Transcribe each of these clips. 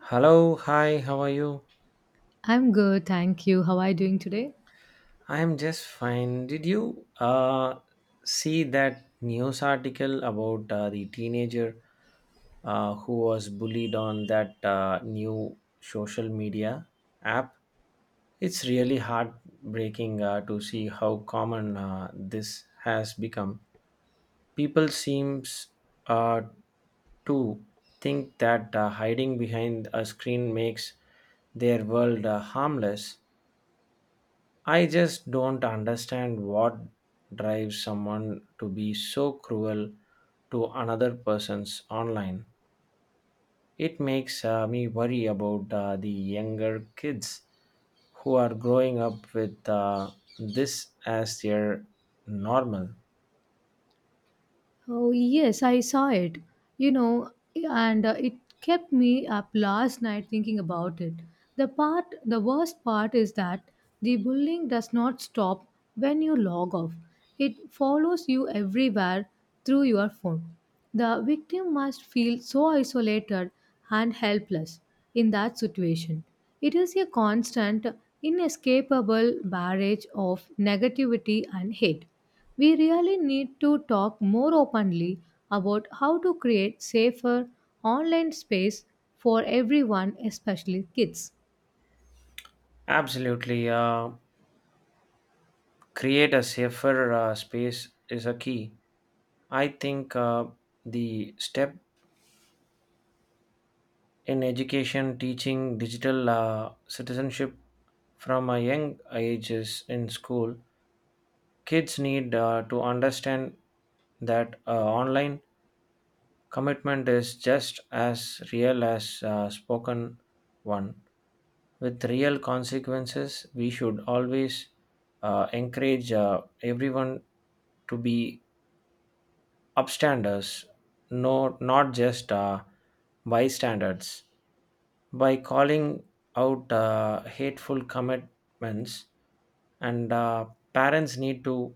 Hello, hi, how are you? I'm good, thank you. How are you doing today? I am just fine. Did you see that news article about the teenager who was bullied on that new social media app? It's really heartbreaking to see how common this has become. People seems uh, to think that hiding behind a screen makes their world harmless. I just don't understand what drives someone to be so cruel to another person's online. It makes me worry about the younger kids who are growing up with this as their normal. Oh, yes, I saw it. You know, and it kept me up last night thinking about it. The worst part is that the bullying does not stop when you log off. It follows you everywhere through your phone. The victim must feel so isolated and helpless in that situation. It is a constant, inescapable barrage of negativity and hate. We really need to talk more openly about how to create safer online space for everyone, especially kids. Absolutely, create a safer space is a key. I think the step in education, teaching digital citizenship from a young ages in school, kids need to understand that online commitment is just as real as spoken one, with real consequences. We should always encourage everyone to be upstanders, no, not just bystanders. By calling out hateful commitments, and parents need to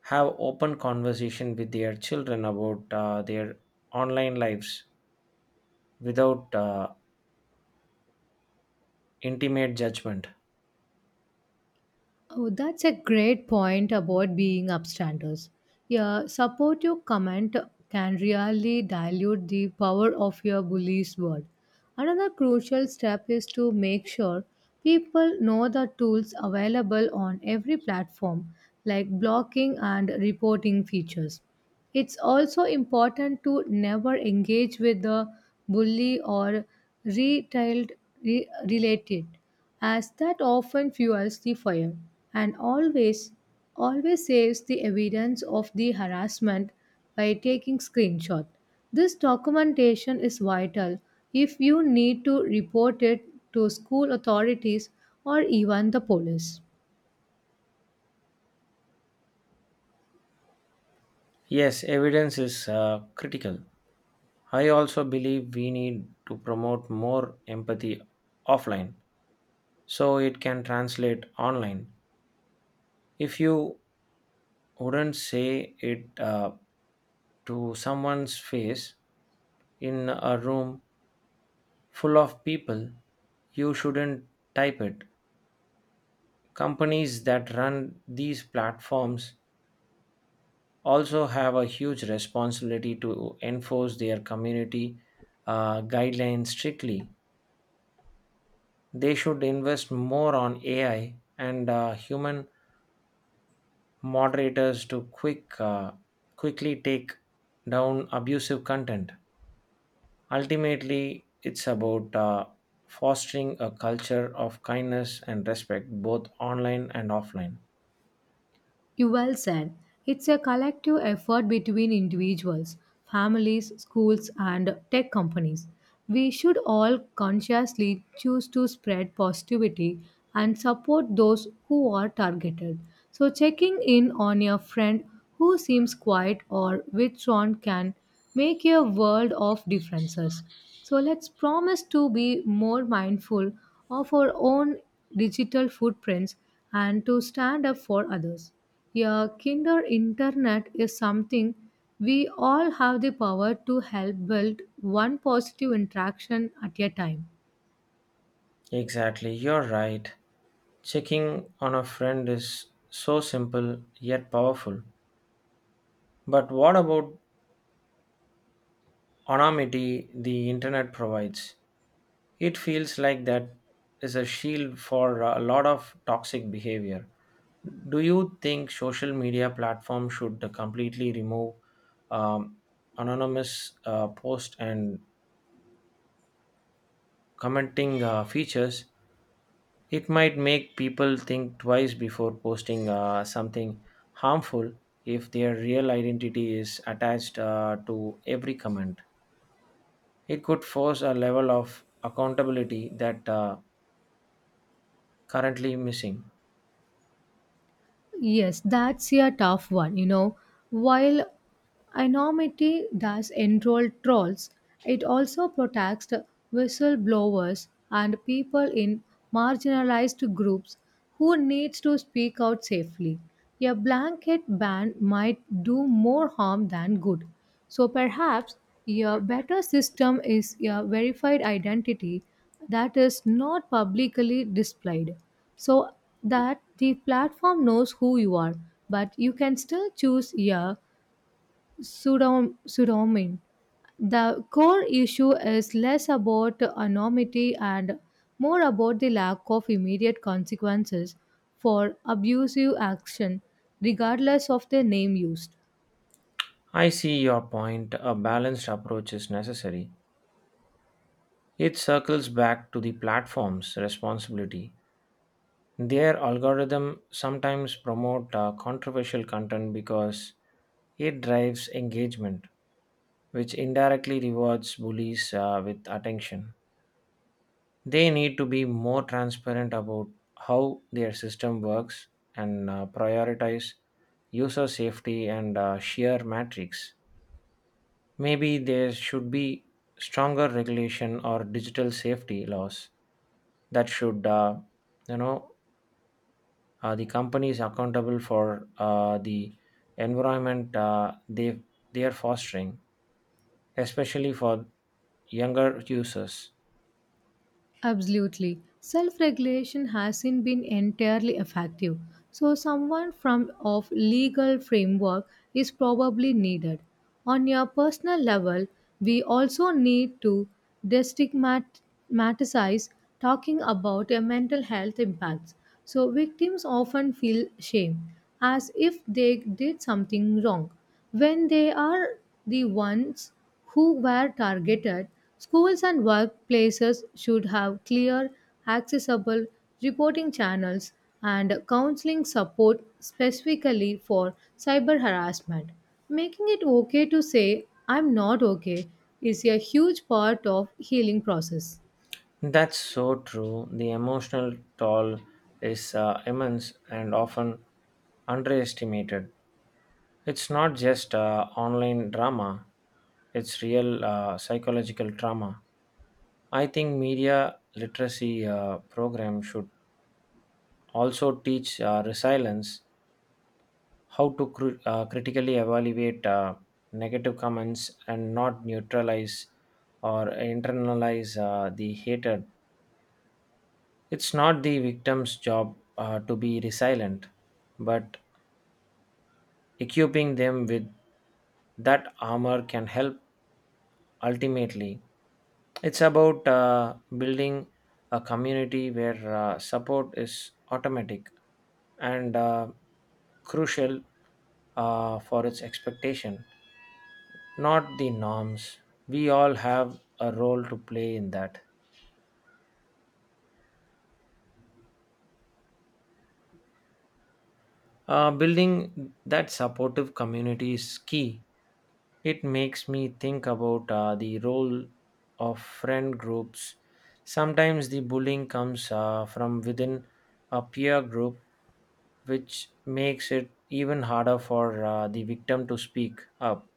have open conversation with their children about their online lives without intimate judgment. Oh, that's a great point about being upstanders. Yeah, supportive comment can really dilute the power of your bully's word. Another crucial step is to make sure people know the tools available on every platform, like blocking and reporting features. It's also important to never engage with the bully or retailed related, as that often fuels the fire and always saves the evidence of the harassment by taking screenshot. This documentation is vital if you need to report it to school authorities or even the police. Yes, evidence is critical. I also believe we need to promote more empathy offline so it can translate online. If you wouldn't say it to someone's face in a room full of people, you shouldn't type it. Companies that run these platforms also have a huge responsibility to enforce their community guidelines strictly. They should invest more on AI and human moderators to quickly take down abusive content. Ultimately, it's about fostering a culture of kindness and respect both online and offline. You well said. It's a collective effort between individuals, families, schools, and tech companies. We should all consciously choose to spread positivity and support those who are targeted. So, checking in on your friend who seems quiet or withdrawn can make a world of differences. So, let's promise to be more mindful of our own digital footprints and to stand up for others. Yeah, kinder internet is something we all have the power to help build one positive interaction at a time. Exactly, you're right. Checking on a friend is so simple yet powerful. But what about anonymity the internet provides? It feels like that is a shield for a lot of toxic behavior. Do you think social media platforms should completely remove um, anonymous post and commenting features? It might make people think twice before posting something harmful if their real identity is attached to every comment. It could force a level of accountability that currently missing. Yes, that's a tough one, you know. While anonymity does enroll trolls. It also protects whistleblowers and people in marginalized groups who need to speak out safely. A blanket ban might do more harm than good. So perhaps a better system is a verified identity that is not publicly displayed so that the platform knows who you are but you can still choose a Surrounding. The core issue is less about anonymity and more about the lack of immediate consequences for abusive action, regardless of the name used. I see your point. A balanced approach is necessary. It circles back to the platform's responsibility. Their algorithm sometimes promote controversial content because it drives engagement, which indirectly rewards bullies with attention. They need to be more transparent about how their system works and prioritize user safety and sheer metrics. Maybe there should be stronger regulation or digital safety laws that should, you know, the companies accountable for the environment they are fostering, especially for younger users. Absolutely. Self regulation hasn't been entirely effective, so someone from of legal framework is probably needed. On your personal level, we also need to destigmatize talking about a mental health impacts. So victims often feel shame as if they did something wrong when they are the ones who were targeted, schools and workplaces should have clear, accessible reporting channels and counseling support specifically for cyber harassment. Making it okay to say I'm not okay is a huge part of healing process. That's so true. The emotional toll is immense and often underestimated. It's not just online drama, it's real psychological trauma. I think media literacy program should also teach resilience, how to critically evaluate negative comments and not neutralize or internalize the hatred. It's not the victim's job to be resilient, but equipping them with that armor can help ultimately. It's about building a community where support is automatic and crucial for its expectation, not the norms. We all have a role to play in that. Building that supportive community is key. It makes me think about the role of friend groups. Sometimes the bullying comes from within a peer group, which makes it even harder for the victim to speak up.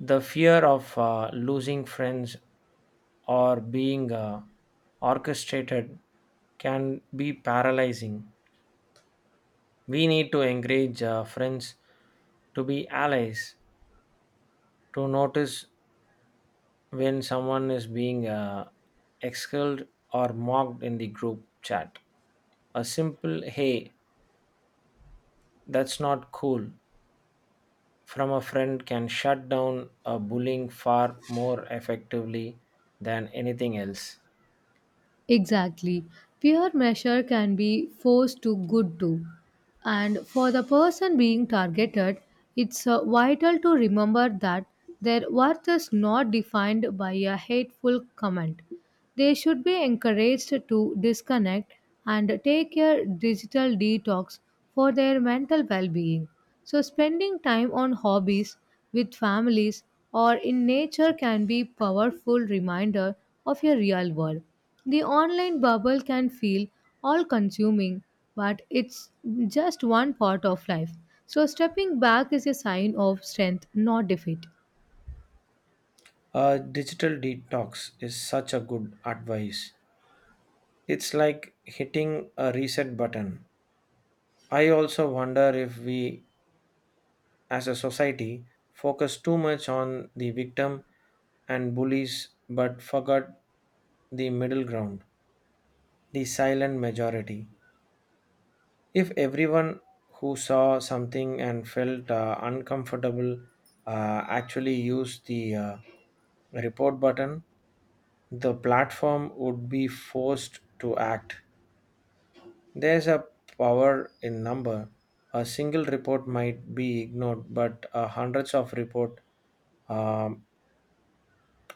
The fear of losing friends or being orchestrated can be paralyzing. We need to encourage friends to be allies, to notice when someone is being expelled or mocked in the group chat. A simple hey, that's not cool from a friend can shut down a bullying far more effectively than anything else. Exactly. Peer measure can be forced to good too. And for the person being targeted, it's vital to remember that their worth is not defined by a hateful comment. They should be encouraged to disconnect and take a digital detox for their mental well being. So, spending time on hobbies with families or in nature can be powerful reminder of your real world the online bubble can feel all consuming, but it's just one part of life. So, stepping back is a sign of strength, not defeat. A digital detox is such a good advice. It's like hitting a reset button. I also wonder if we, as a society, focused too much on the victim and bullies but forgot the middle ground, the silent majority. If everyone who saw something and felt uncomfortable actually used the report button, the platform would be forced to act. There's a power in number. A single report might be ignored, but hundreds of reports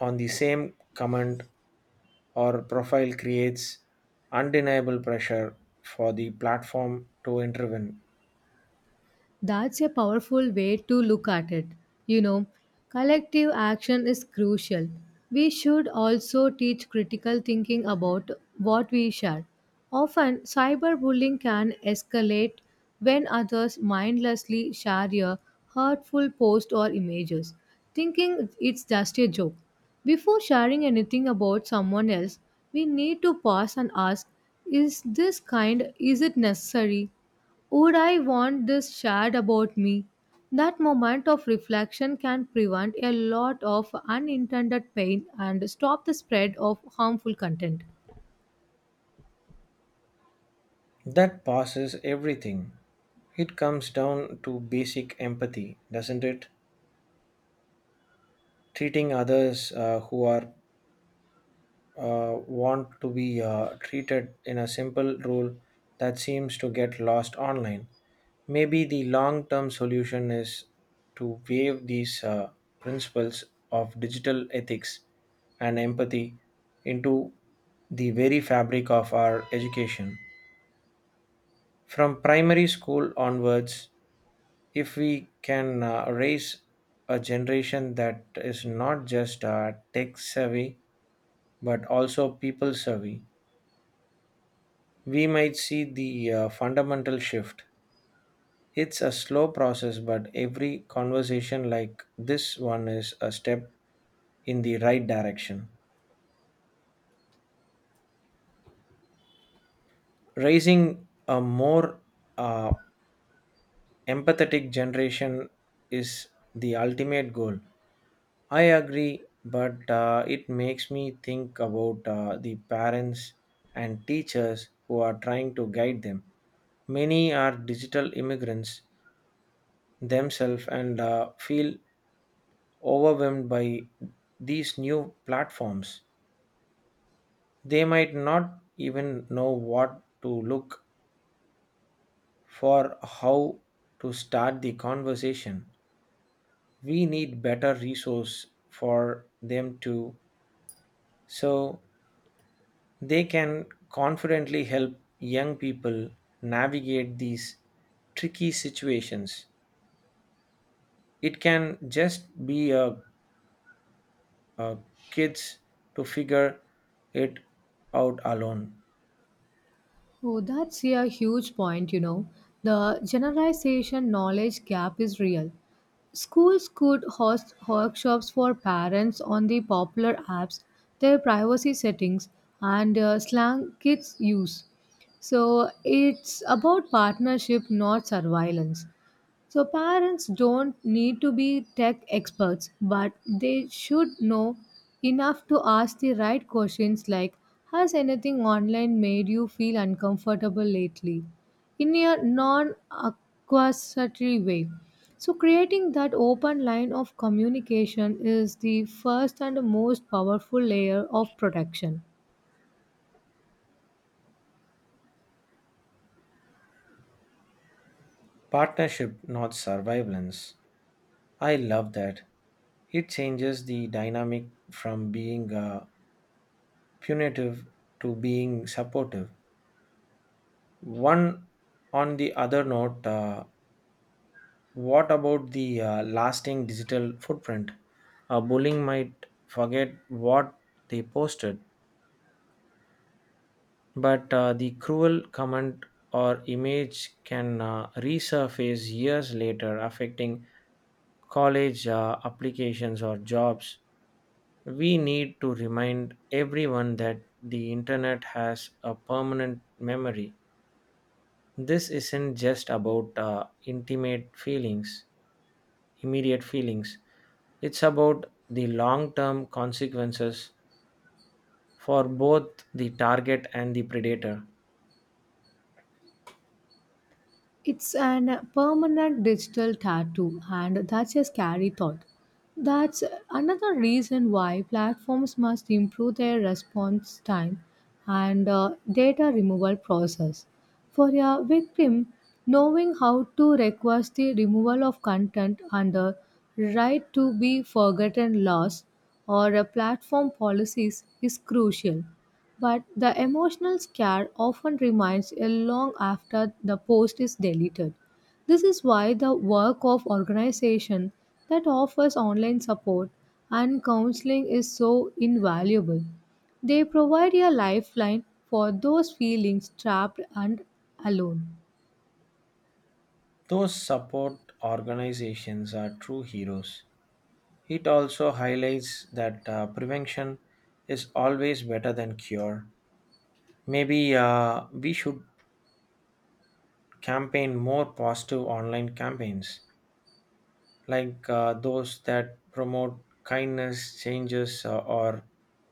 on the same comment or profile creates undeniable pressure for the platform to intervene. That's a powerful way to look at it. You know, collective action is crucial. We should also teach critical thinking about what we share. Often, cyberbullying can escalate when others mindlessly share a hurtful post or images, thinking it's just a joke. Before sharing anything about someone else, we need to pause and ask is this kind, is it necessary? Would I want this shared about me? That moment of reflection can prevent a lot of unintended pain and stop the spread of harmful content. That passes everything. It comes down to basic empathy, doesn't it? Treating others who are uh, want to be treated in a simple rule that seems to get lost online. Maybe the long term solution is to waive these principles of digital ethics and empathy into the very fabric of our education. From primary school onwards, if we can raise a generation that is not just tech savvy but also people savvy, we might see the fundamental shift. It's a slow process, but every conversation like this one is a step in the right direction. Raising a more uh, empathetic generation is the ultimate goal. I agree, but it makes me think about the parents and teachers who are trying to guide them. Many are digital immigrants themselves and feel overwhelmed by these new platforms. They might not even know what to look for, how to start the conversation. We need better resource for them to so they can confidently help young people navigate these tricky situations. It can just be a kids to figure it out alone. Oh, that's a huge point, you know. The generalization knowledge gap is real. Schools could host workshops for parents on the popular apps, their privacy settings, and slang kids use. So it's about partnership, not surveillance. So, parents don't need to be tech experts, but they should know enough to ask the right questions like has anything online made you feel uncomfortable lately? In a non accusatory way. So, creating that open line of communication is the first and most powerful layer of protection. Partnership, not survivalence. I love that. It changes the dynamic from being punitive to being supportive. One on the other note, what about the lasting digital footprint? Bullying might forget what they posted. But the cruel comment or image can resurface years later, affecting college applications or jobs. We need to remind everyone that the internet has a permanent memory. This isn't just about immediate feelings. It's about the long term consequences for both the target and the predator. It's an permanent digital tattoo, and that's a scary thought. That's another reason why platforms must improve their response time and data removal process. For a victim, knowing how to request the removal of content under right to be forgotten laws or platform policies is crucial. But the emotional scar often remains ill long after the post is deleted. This is why the work of organization that offers online support and counseling is so invaluable. They provide a lifeline for those feeling trapped and alone. Those support organizations are true heroes. It also highlights that prevention is always better than cure. Maybe we should campaign more positive online campaigns, like those that promote kindness, changes, or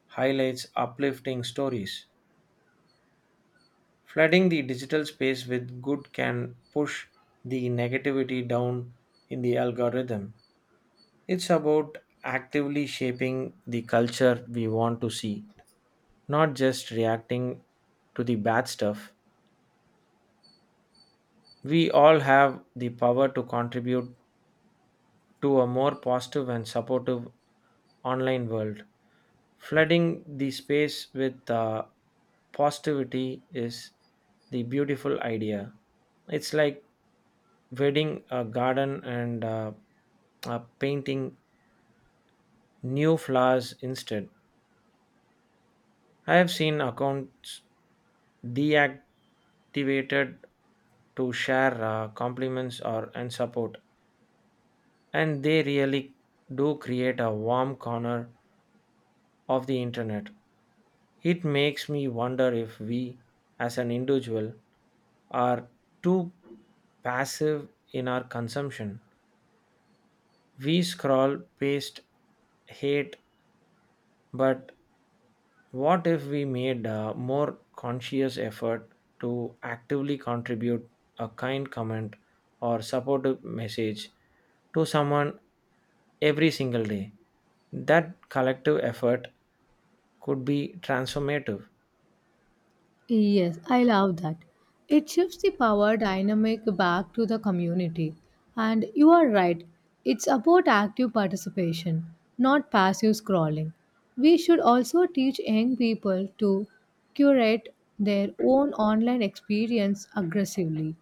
highlights uplifting stories. Flooding the digital space with good can push the negativity down in the algorithm. It's about actively shaping the culture we want to see, not just reacting to the bad stuff. We all have the power to contribute to a more positive and supportive online world. Flooding the space with positivity is the beautiful idea. It's like wedding a garden and painting new flowers instead. I have seen accounts deactivated to share compliments or and support, and they really do create a warm corner of the internet. It makes me wonder if we, as an individual, are too passive in our consumption. We scroll, past hate, but what if we made a more conscious effort to actively contribute a kind comment or supportive message to someone every single day? That collective effort could be transformative. Yes, I love that. It shifts the power dynamic back to the community. And you are right, it's about active participation, not passive scrolling. We should also teach young people to curate their own online experience aggressively.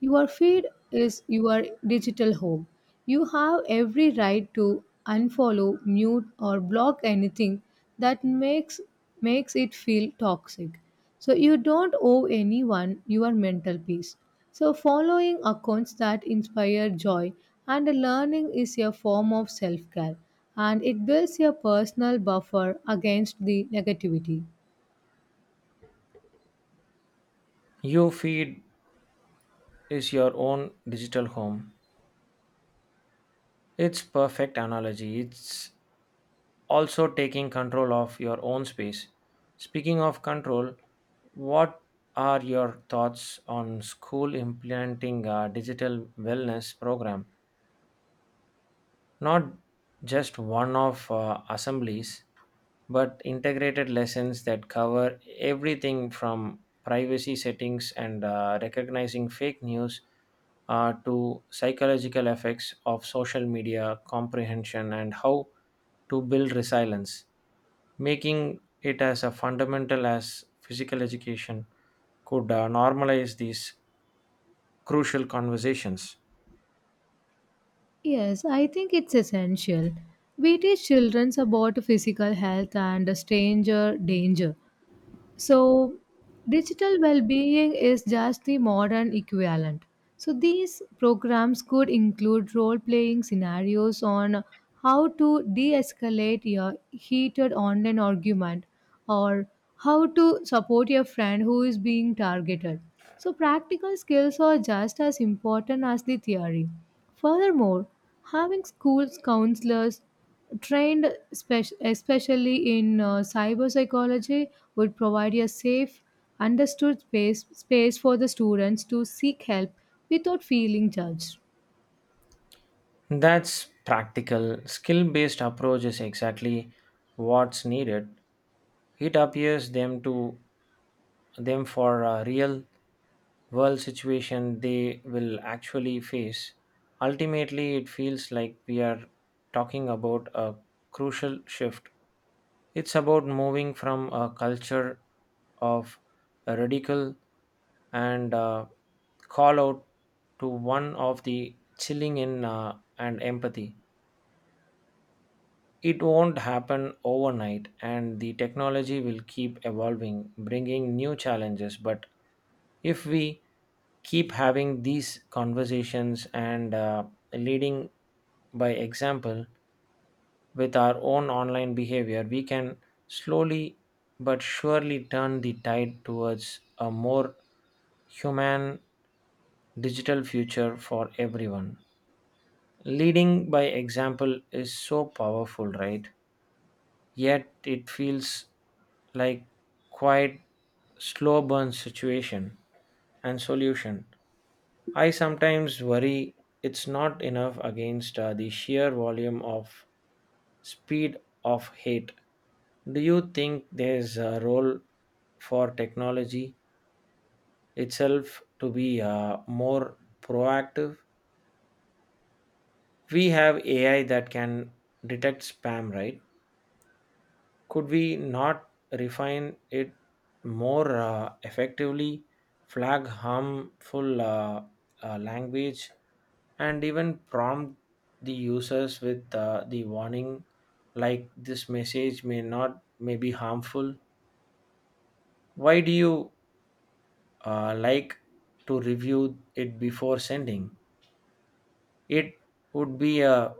Your feed is your digital home. You have every right to unfollow, mute, or block anything that makes it feel toxic. So you don't owe anyone your mental peace. So following accounts that inspire joy and learning is a form of self-care and it builds a personal buffer against the negativity. Your feed is your own digital home. It's perfect analogy. It's also taking control of your own space. Speaking of control, what are your thoughts on school implementing a digital wellness program? Not just one off assemblies, but integrated lessons that cover everything from privacy settings and recognizing fake news to psychological effects of social media comprehension and how to build resilience, making it as a fundamental as physical education could normalize these crucial conversations. Yes, I think it's essential. We teach children about physical health and stranger danger, so, digital well being is just the modern equivalent. So, these programs could include role playing scenarios on how to de escalate your heated online argument or how to support your friend who is being targeted. So, practical skills are just as important as the theory. Furthermore, having schools counselors trained especially in cyber psychology would provide a safe understood space for the students to seek help without feeling judged. That's practical. Skill based approach is exactly what's needed. It appears them to them for a real world situation they will actually face. Ultimately, it feels like we are talking about a crucial shift. It's about moving from a culture of a radical and call out to one of the chilling in and empathy. It won't happen overnight, and the technology will keep evolving, bringing new challenges. But if we keep having these conversations and leading by example with our own online behavior, we can slowly but surely turn the tide towards a more human digital future for everyone. Leading by example is so powerful, right? Yet it feels like quite slow burn situation and solution. I sometimes worry it's not enough against the sheer volume of speed of hate. Do you think there's a role for technology itself to be more proactive? We have AI that can detect spam, right? Could we not refine it more effectively flag harmful language and even prompt the users with the warning, like, this message may not may be harmful, why do you like to review it before sending it would be a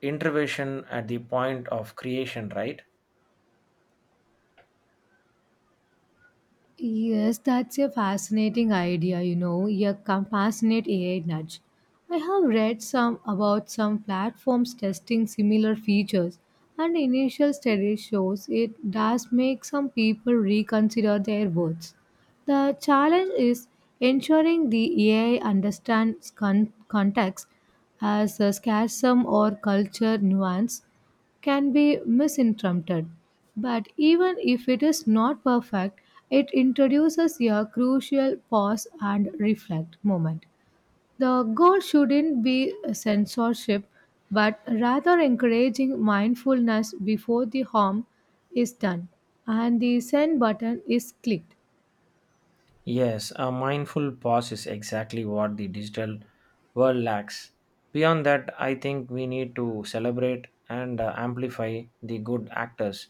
intervention at the point of creation, right? Yes, that's a fascinating idea, you know, a passionate AI nudge. I have read some about some platforms testing similar features and initial study shows it does make some people reconsider their words. The challenge is ensuring the AI understands context as a scarce or culture nuance can be misinterpreted. But even if it is not perfect, it introduces a crucial pause and reflect moment. The goal shouldn't be censorship, but rather encouraging mindfulness before the harm is done and the send button is clicked. Yes, a mindful pause is exactly what the digital world lacks. Beyond that, I think we need to celebrate and amplify the good actors,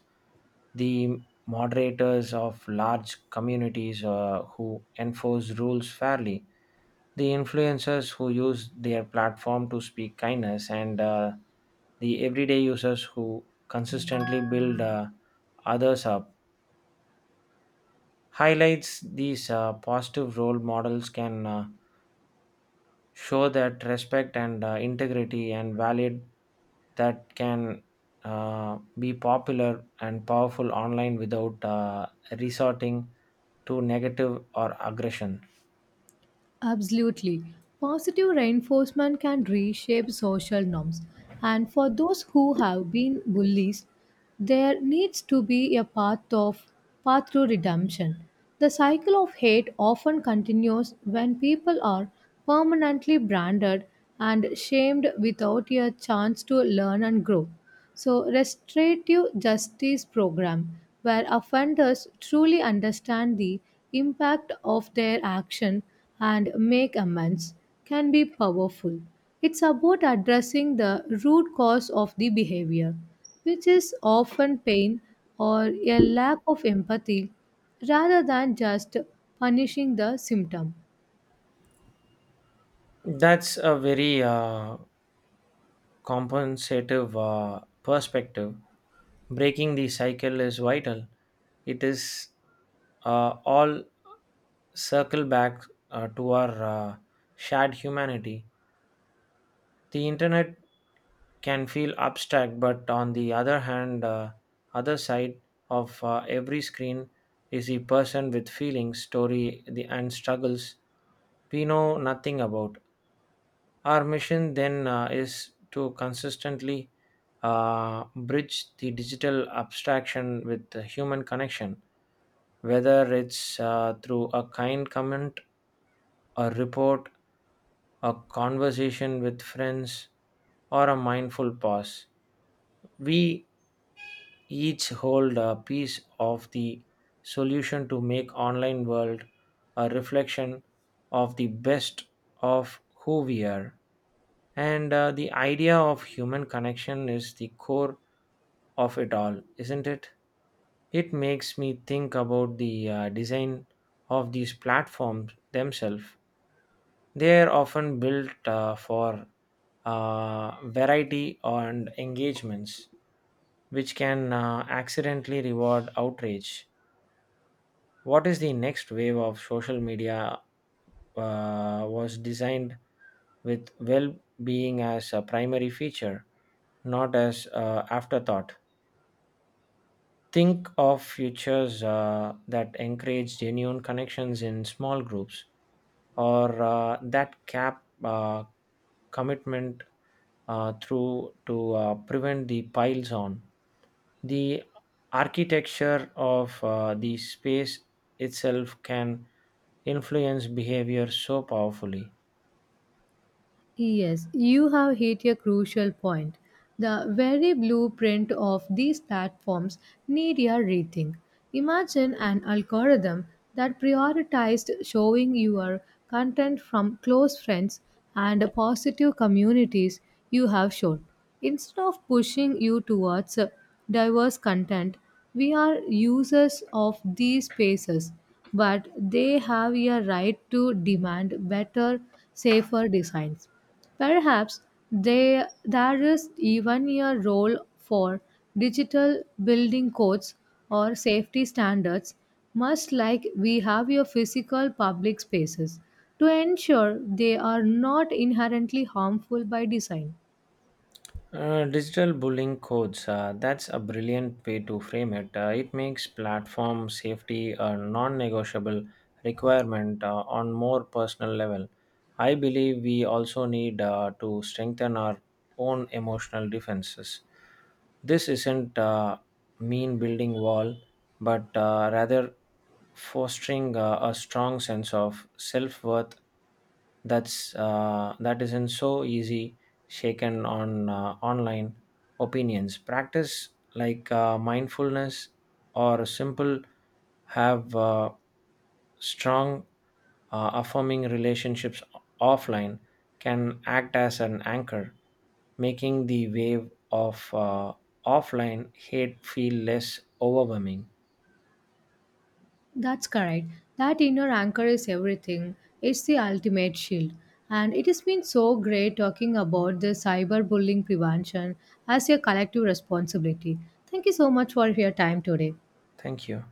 the moderators of large communities who enforce rules fairly, the influencers who use their platform to speak kindness, and the everyday users who consistently build others up. Highlights these positive role models can. Show that respect and integrity and valid that can be popular and powerful online without resorting to negative or aggression. Absolutely. Positive reinforcement can reshape social norms. And for those who have been bullies, there needs to be a path to redemption. The cycle of hate often continues when people are permanently branded and shamed without a chance to learn and grow. So, restorative justice program where offenders truly understand the impact of their action and make amends can be powerful. It's about addressing the root cause of the behavior, which is often pain or a lack of empathy rather than just punishing the symptom. That's a very compensative perspective. Breaking the cycle is vital. It is all circle back to our shared humanity. The internet can feel abstract, but on the other hand, other side of every screen is the person with feelings, story, the, and struggles we know nothing about. Our mission then is to consistently bridge the digital abstraction with the human connection, whether it's through a kind comment, a report, a conversation with friends, or a mindful pause. We each hold a piece of the solution to make online world a reflection of the best of who we are, and the idea of human connection is the core of it all, isn't it? It makes me think about the design of these platforms themselves. They are often built for variety and engagements which can accidentally reward outrage. What is the next wave of social media was designed with well being as a primary feature, not as afterthought. Think of futures that encourage genuine connections in small groups or that cap commitment through to prevent the piles on. The architecture of the space itself can influence behavior so powerfully. Yes, you have hit a crucial point. The very blueprint of these platforms need a rethink. Imagine an algorithm that prioritized showing your content from close friends and positive communities you have shown, instead of pushing you towards diverse content we are users of these spaces, but they have a right to demand better, safer designs. Perhaps there is even a role for digital building codes or safety standards, much like we have your physical public spaces, to ensure they are not inherently harmful by design. Digital bullying codes, that's a brilliant way to frame it. It makes platform safety a non negotiable requirement on more personal level. I believe we also need to strengthen our own emotional defenses. This isn't mean building wall but rather fostering a strong sense of self-worth that isn't so easy shaken on online opinions practice like mindfulness or simple have strong affirming relationships offline can act as an anchor, making the wave of uh, offline hate feel less overwhelming. That's correct. That inner anchor is everything. It's the ultimate shield. And it has been so great talking about the cyberbullying prevention as a collective responsibility. Thank you so much for your time today. Thank you.